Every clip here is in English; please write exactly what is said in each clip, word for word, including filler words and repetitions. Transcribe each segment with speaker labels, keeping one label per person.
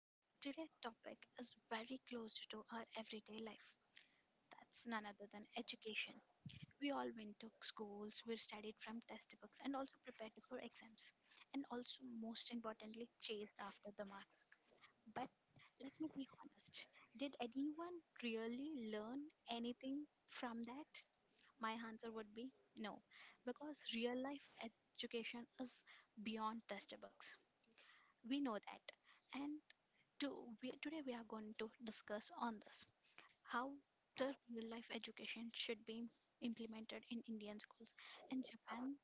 Speaker 1: and today's topic is very close to our everyday life. That's none other than education. We all went to schools, we studied from textbooks, and also prepared for exams, and also, most importantly, chased after the marks. But let me be honest, did anyone really learn anything from that? My answer would be no, because real life education is beyond textbooks. We know that. And to we, today we are going to discuss on this how the real life education should be implemented in Indian schools. And Japan,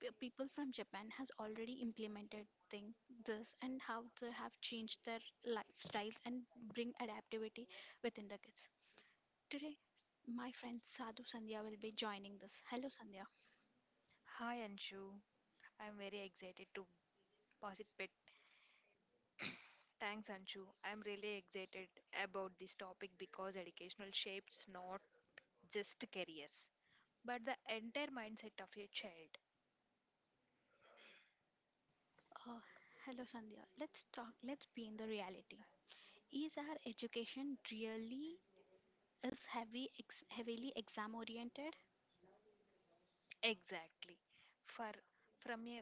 Speaker 1: pe- people from Japan has already implemented thing this, and how they have changed their lifestyles and bring adaptivity within the kids. Today, my friend Sadhu Sandhya will be joining this. Hello, Sandhya.
Speaker 2: Hi Anshu, I'm very excited to participate. Thanks Anshu. I'm really excited about this topic because educational shapes not just careers, but the entire mindset of a child.
Speaker 1: Uh, Hello, Sandhya. Let's talk. Let's be in the reality. Is our education really, is heavy ex- heavily exam oriented?
Speaker 2: Exactly. For from a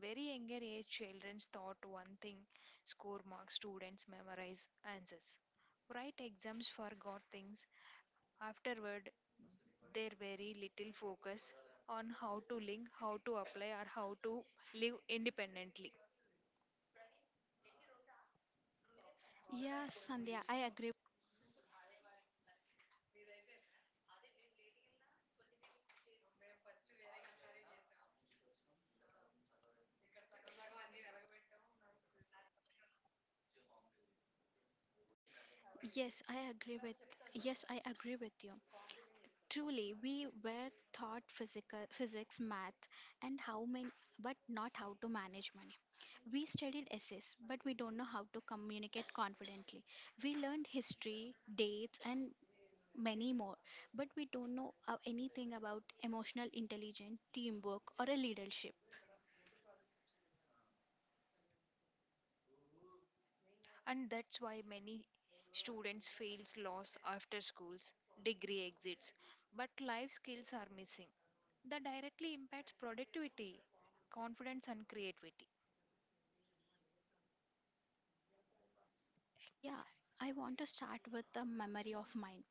Speaker 2: very younger age, children's thought one thing: score marks, students memorize answers, write exams, forgot things. Afterward, there very little focus on how to link, how to apply, or how to live independently.
Speaker 1: Yes, Sandhya, I agree. Yes, I agree with yes, I agree with you. Truly, we were taught physical physics, math, and how many, but not how to manage money. We studied essays, but we don't know how to communicate confidently. We learned history, dates, and many more, but we don't know uh, anything about emotional intelligence, teamwork, or a leadership.
Speaker 2: And that's why many students fails loss after schools degree exits but life skills are missing that directly impacts productivity confidence and creativity
Speaker 1: Yeah,
Speaker 2: Exact-
Speaker 1: I want to start with the memory of mine.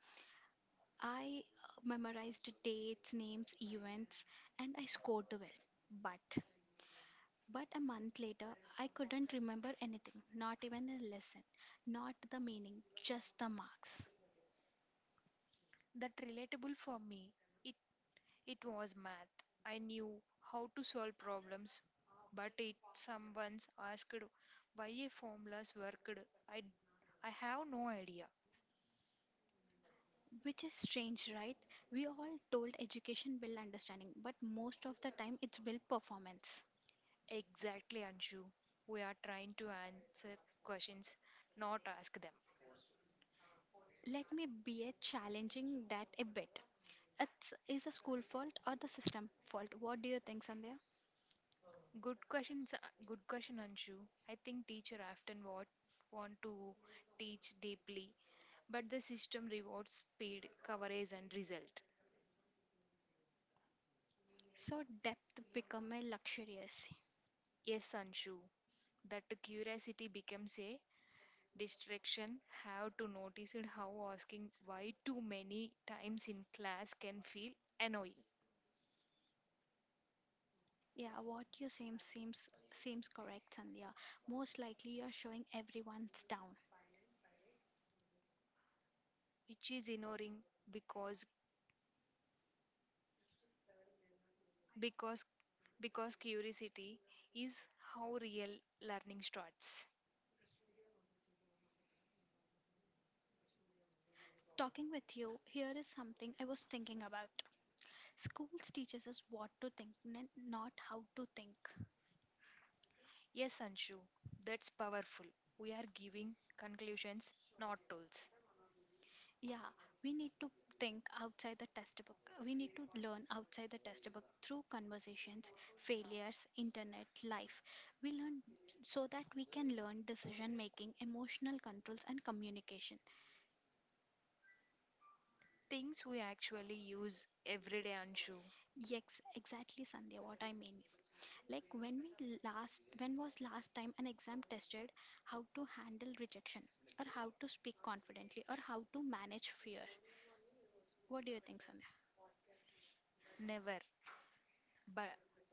Speaker 1: I uh, memorized dates, names, events, and I scored well. But but a month later, I couldn't remember anything, not even a lesson, not the meaning, just the marks.
Speaker 2: that relatable for me it It was math. I knew how to solve problems, but it someone's asked why a formulas worked. I, I have no idea.
Speaker 1: Which is strange, right? We all told education will understanding, but most of the time it's will performance.
Speaker 2: Exactly, Anshu. We are trying to answer questions, not ask them.
Speaker 1: Let me be a challenging that a bit. It's, is a school fault or the system fault? What do you think, Sandhya?
Speaker 2: Good questions, uh, Good question, Anshu. I think teacher often want want to teach deeply, but the system rewards speed, coverage, and result.
Speaker 1: So depth become a luxurious.
Speaker 2: Yes, Anshu, that curiosity becomes a distraction have to notice it how asking why too many times in class can feel annoying
Speaker 1: Yeah, what you seem seems seems correct, Sandhya. Most likely you are showing everyone's down.
Speaker 2: which is ignoring because because because curiosity is how real learning starts.
Speaker 1: Talking with you, here is something I was thinking about. Schools teaches us what to think, n- not how to think.
Speaker 2: Yes, Anshu, that's powerful. We are giving conclusions, not tools.
Speaker 1: Yeah, we need to think outside the textbook. We need to learn outside the textbook through conversations, failures, internet, life. We learn so that we can learn decision making, emotional controls, and communication.
Speaker 2: Things we actually use every day, Anshu.
Speaker 1: Yes, exactly, Sandhya, what I mean. Like when we last when was last time an exam tested how to handle rejection or how to speak confidently or how to manage fear? What do you think, Sandhya?
Speaker 2: Never, but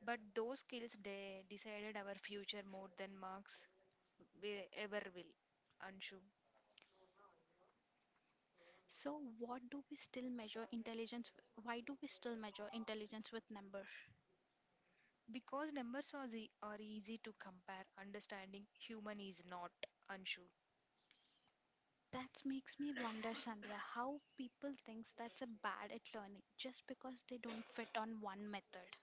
Speaker 2: but those skills they decided our future more than marks we ever will, Anshu.
Speaker 1: So what do we still measure intelligence with? Why do we still measure intelligence with number?
Speaker 2: Because numbers are, ze- are easy to compare, understanding human is not, Anshu.
Speaker 1: That makes me wonder, Sandhya, how people thinks that's a bad at learning just because they don't fit on one method.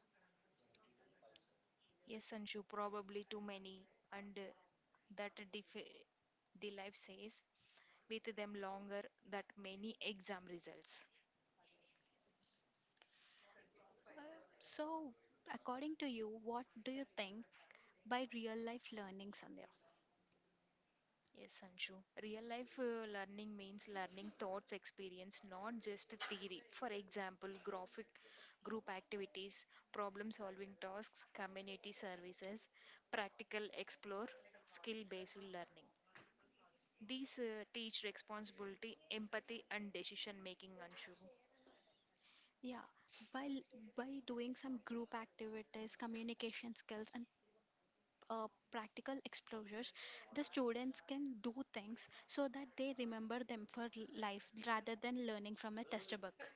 Speaker 2: Yes, Anshu, probably too many, and uh, that def- the life says with them longer that many exam results.
Speaker 1: So according to you, what do you think by real life learning, Sandhya?
Speaker 2: Yes, Anshu. Real life uh, learning means learning thoughts experience, not just theory. For example, graphic group activities, problem solving tasks, community services, practical explore, skill based learning. These uh, teach responsibility, empathy, and decision making, Anshu.
Speaker 1: Yeah, by l- by doing some group activities, communication skills, and uh, practical exposures, the students can do things so that they remember them for l- life rather than learning from a textbook.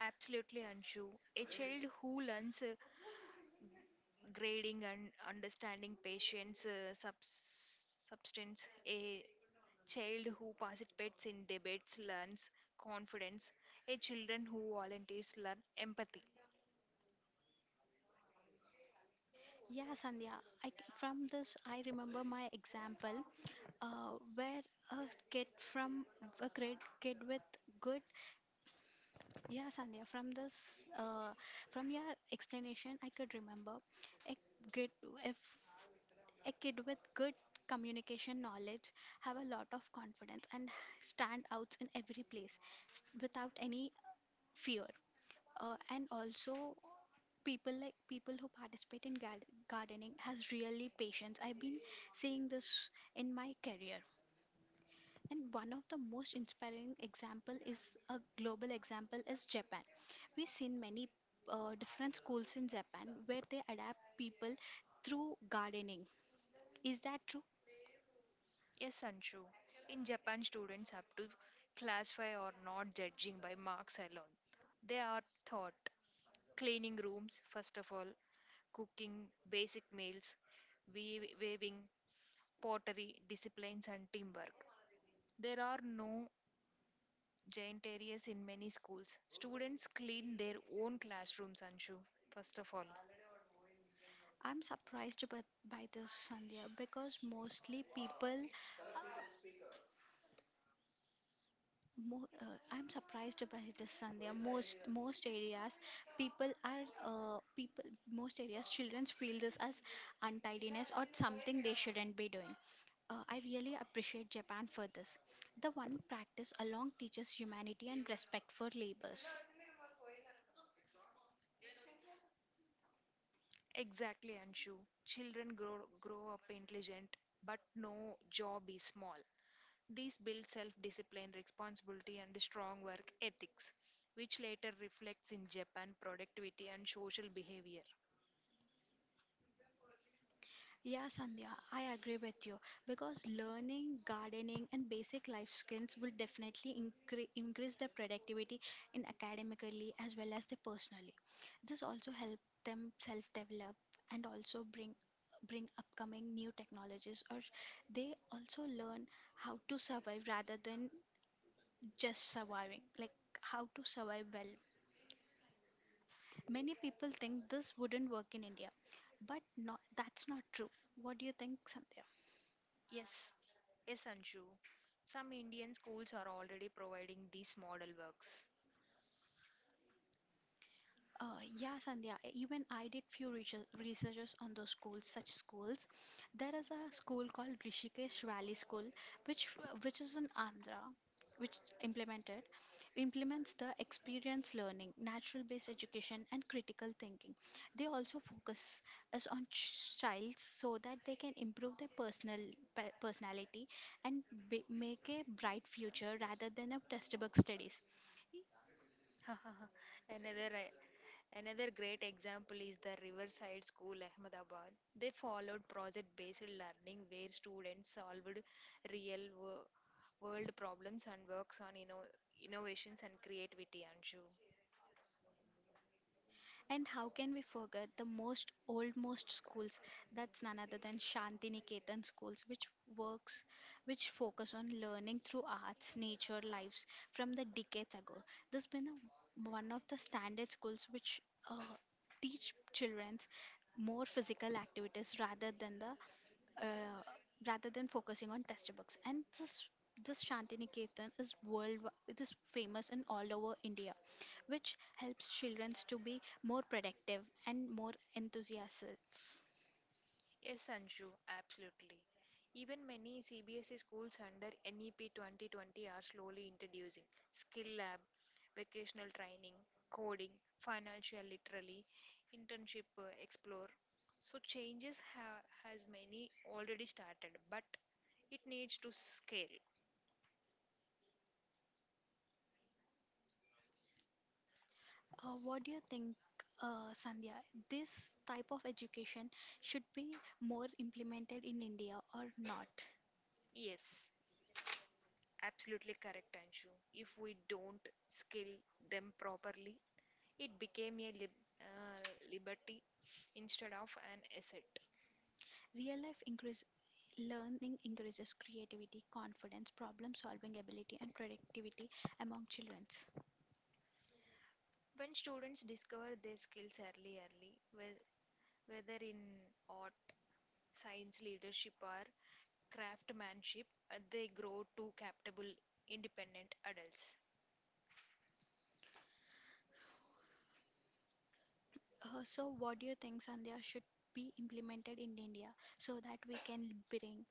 Speaker 2: Absolutely, Anshu. A child who learns uh, grading and understanding patients, uh, subs- substance, a child who participates in debates learns confidence. A children who volunteers learn empathy.
Speaker 1: Yeah, Sandhya, I, c- from this I remember my example, uh, where a kid from a great kid with good, yeah Sandhya, from this uh, from your explanation I could remember a kid if a kid with good communication knowledge have a lot of confidence and stand out in every place s- without any fear. Uh, and also people like people who participate in gard- gardening has really patience. I've been seeing this in my career. And one of the most inspiring example is a global example is Japan. We've seen many uh, different schools in Japan where they adapt people through gardening. Is that true?
Speaker 2: Yes, Anshu. In Japan, students up to class five are not judging by marks alone. They are taught cleaning rooms, first of all, cooking basic meals, wea- weaving, pottery, disciplines, and teamwork. There are no giant areas in many schools. Students clean their own classrooms, Anshu, first of all.
Speaker 1: I'm surprised by, by this, Sandhya, because mostly people. Uh, mo- uh, I'm surprised by this, Sandhya. Most most areas, people are uh, people. Most areas, children feel this as untidiness or something they shouldn't be doing. Uh, I really appreciate Japan for this. The one practice along teaches humanity and respect for labors.
Speaker 2: Exactly, Anshu. Children grow, grow up intelligent, but no job is small. These build self discipline, responsibility, and strong work ethics, which later reflects in Japan productivity and social behavior.
Speaker 1: Yeah, Sandhya, I agree with you because learning, gardening, and basic life skills will definitely incre- increase their productivity in academically as well as they personally. This also help them self-develop and also bring bring upcoming new technologies, or they also learn how to survive rather than just surviving, like how to survive well. Many people think this wouldn't work in India, but not that's not true. What do you think, Sandhya?
Speaker 2: Yes, yes, Anshu. Some Indian schools are already providing these model works.
Speaker 1: Uh, yeah, Sandhya. e- Even I did few research researches on those schools, such schools. There is a school called Rishikesh Valley School, which which is in Andhra, which implemented implements the experience learning, natural-based education, and critical thinking. They also focus us on ch- child so that they can improve their personal pe- personality and b- make a bright future rather than a textbook studies.
Speaker 2: Another, eh, Another great example is the Riverside School, Ahmedabad. They followed project based learning where students solved real wo- world problems and works on inno- innovations and creativity, Anshu.
Speaker 1: And how can we forget the most oldmost schools? That's none other than Shantiniketan schools, which works, which focus on learning through arts, nature, lives from the decades ago. This has been a, one of the standard schools which uh, teach children more physical activities rather than the uh, rather than focusing on test books. And this this Shantiniketan is world. It is famous in all over India, which helps children to be more productive and more enthusiastic.
Speaker 2: Yes, Anshu, absolutely. Even many C B S E schools under NEP twenty twenty are slowly introducing skill lab, vocational training, coding, financial literacy, internship uh, explore. So changes ha- has many already started, but it needs to scale.
Speaker 1: Uh, what do you think, uh, Sandhya? This type of education should be more implemented in India or not?
Speaker 2: Yes, absolutely correct, Anshu. If we don't scale them properly, it became a lib- uh, liberty instead of an asset.
Speaker 1: Real life increase, learning increases creativity, confidence, problem solving ability, and productivity among children.
Speaker 2: When students discover their skills early early, whe- whether in art, science, leadership, or craftsmanship, uh, they grow to capable independent adults.
Speaker 1: Uh, so, what do you think, Sandhya, should be implemented in India so that we can bring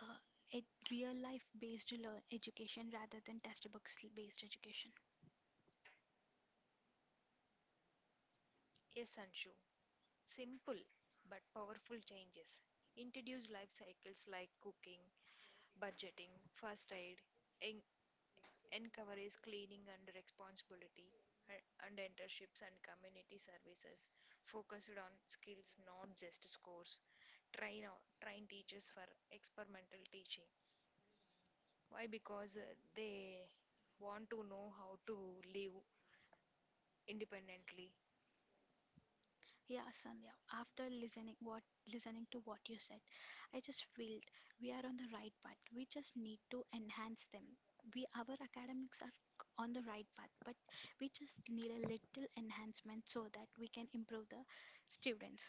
Speaker 1: uh, a real life based learn education rather than textbooks based education.
Speaker 2: Yes, Anshu, simple but powerful changes. Introduce life cycles like cooking, budgeting, first aid, en- encourages cleaning and responsibility, a- and internships and community services focused on skills, not just scores. Train o- train teachers for experimental teaching. Why? Because uh, they want to know how to live independently.
Speaker 1: Yeah, Sandhya. After listening what listening to what you said, I just feel we are on the right path. We just need to enhance them. We Our academics are on the right path, but we just need a little enhancement so that we can improve the students.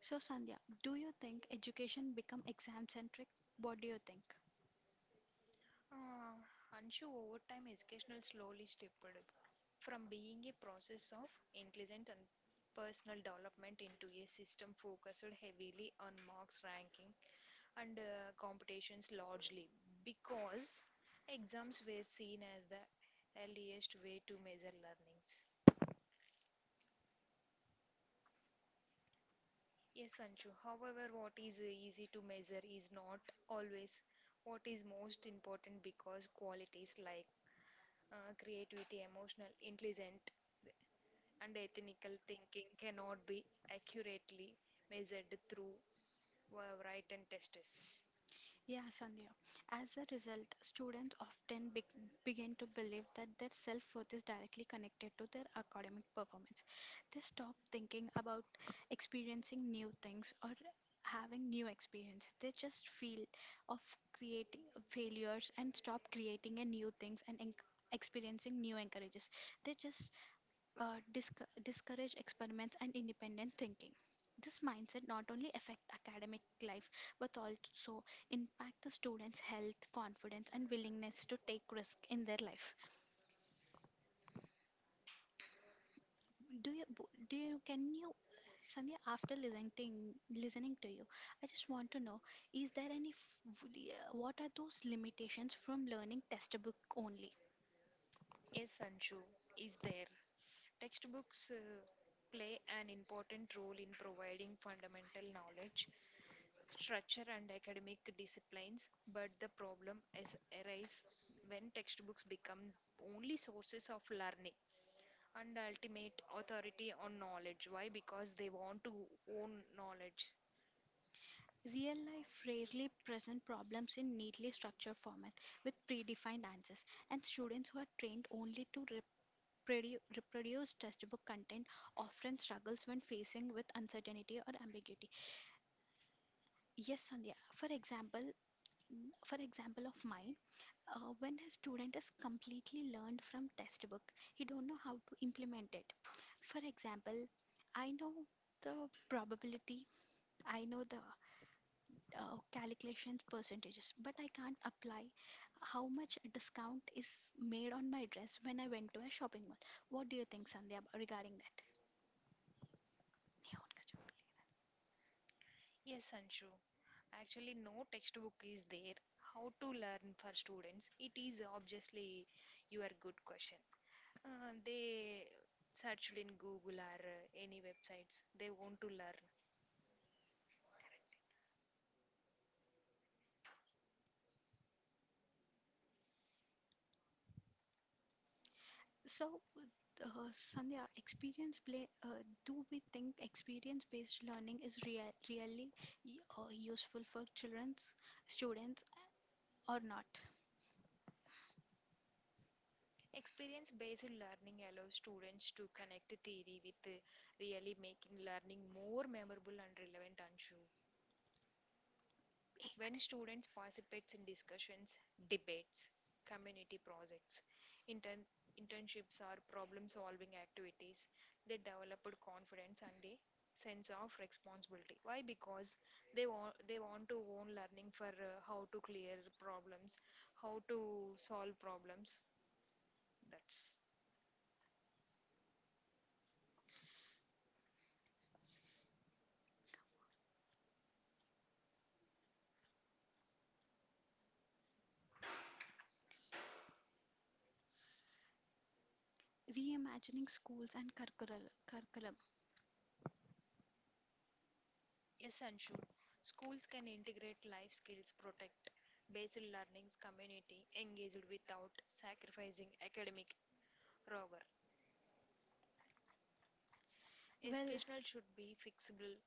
Speaker 1: So Sandhya, do you think education become exam centric? What do you think?
Speaker 2: Uh, anshu, over time educational slowly stepped up from being a process of intelligent and personal development into a system focused heavily on marks ranking and uh, competitions, largely because exams were seen as the earliest way to measure learnings. Yes, Sanchu. However, what is easy to measure is not always what is most important because qualities like uh, creativity, emotional intelligence, and ethical thinking cannot be accurately measured through uh, written tests.
Speaker 1: Yeah, Sandhya. As a result, students often be- begin to believe that their self worth is directly connected to their academic performance. They stop thinking about experiencing new things or having new experience. They just feel of creating failures and stop creating a new things and en- experiencing new encourages. They just uh, disc- discourage experiments and independent thinking. This mindset not only affect academic life but also impact the students' health, confidence, and willingness to take risk in their life. Do you w- do you can you, Sandhya? After listening listening to you, I just want to know: Is there any f- w- uh, what are those limitations from learning textbook only?
Speaker 2: Yes, Sanchu is there. Textbooks uh, play an important role in providing fundamental knowledge, structure, and academic disciplines, but the problem is arise when textbooks become only sources of learning and ultimate authority on knowledge. Why? Because they want to own knowledge.
Speaker 1: Real life rarely present problems in neatly structured format with predefined answers, and students who are trained only to reprodu- reproduce textbook content often struggles when facing with uncertainty or ambiguity. Yes, Sandhya. For example, mm, for example of mine, uh, when a student is completely learned from textbook, he don't know how to implement it. For example, I know the probability, I know the uh, calculations percentages, but I can't apply how much discount is made on my dress when I went to a shopping mall. What do you think, Sandhya, ab- regarding that?
Speaker 2: Yes, Anshu. Actually, no textbook is there. How to learn for students? It is obviously your good question. Uh, they searched in Google or uh, any websites. They want to learn.
Speaker 1: So uh, Sandhya, experience play, uh, do we think experience based learning is real, really y- uh, useful for children's students or not?
Speaker 2: Experience based learning allows students to connect theory with uh, really making learning more memorable and relevant, Anshu.
Speaker 1: Eh, that
Speaker 2: When
Speaker 1: is-
Speaker 2: students participate in discussions, debates, community projects, intern- internships, or problem solving activities, they developed confidence and a sense of responsibility. Why? Because they want they want to own learning for uh, how to clear problems, how to solve problems. That's
Speaker 1: Reimagining schools and curricul- curriculum,
Speaker 2: yes, Anshu. Schools can integrate life skills, protect basic learnings, community engaged without sacrificing academic rigor.
Speaker 1: well.
Speaker 2: Educational should be fixable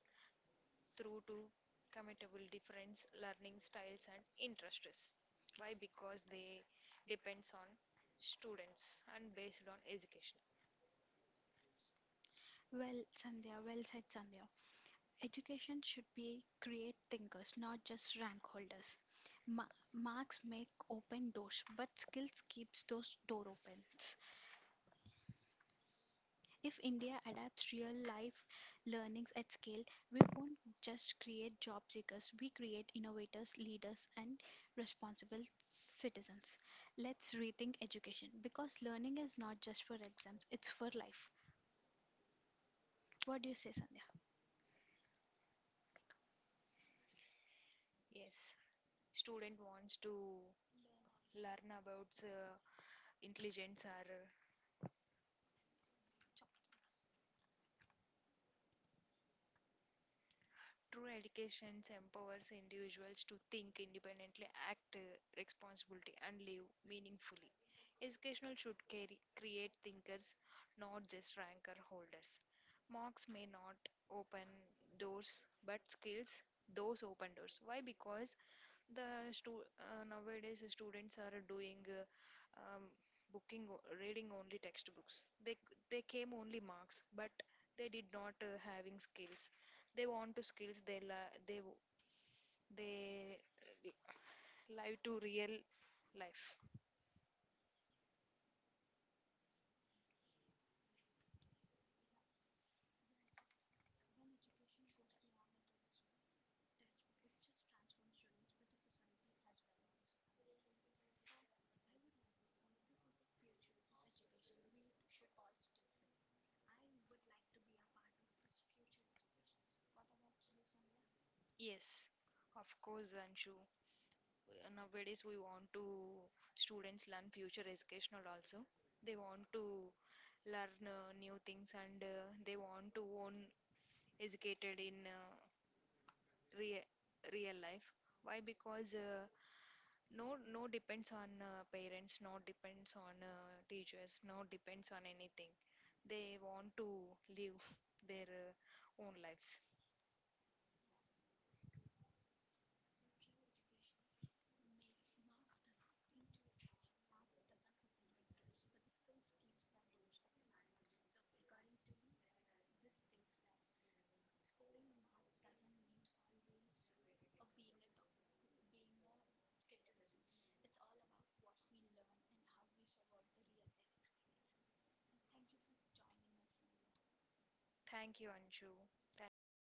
Speaker 2: through to committable difference learning styles and interests. Why? Because they depends on students and based on education.
Speaker 1: Well, Sandhya, well said, Sandhya. Education should be create thinkers, not just rank holders. Ma- marks make open doors, but skills keeps those door opens. If India adapts real life learnings at scale, we won't just create job seekers, we create innovators, leaders, and responsible citizens. Let's rethink education because learning is not just for exams, it's for life. What do you say, Sandhya?
Speaker 2: Yes, student wants to learn about uh, intelligence or uh, true education empowers individuals to think independently, act uh, responsibility and live meaningfully. Educational should carry, create thinkers, not just ranker holders. Marks may not open doors, but skills those open doors. Why? Because the stu- uh, nowadays students are doing uh, um, booking, o- reading only textbooks. They they came only marks, but they did not uh, having skills. They want to skills. They la- they w- they live to real life. Yes. Of course, Anshu. Uh, nowadays we want to students learn future educational also they want to learn uh, new things and uh, they want to own educated in uh, real real life. Why? Because uh, no no depends on uh, parents, no depends on uh, teachers, no depends on anything. They want to live their uh, own lives. Thank you, Anshu. Thank you for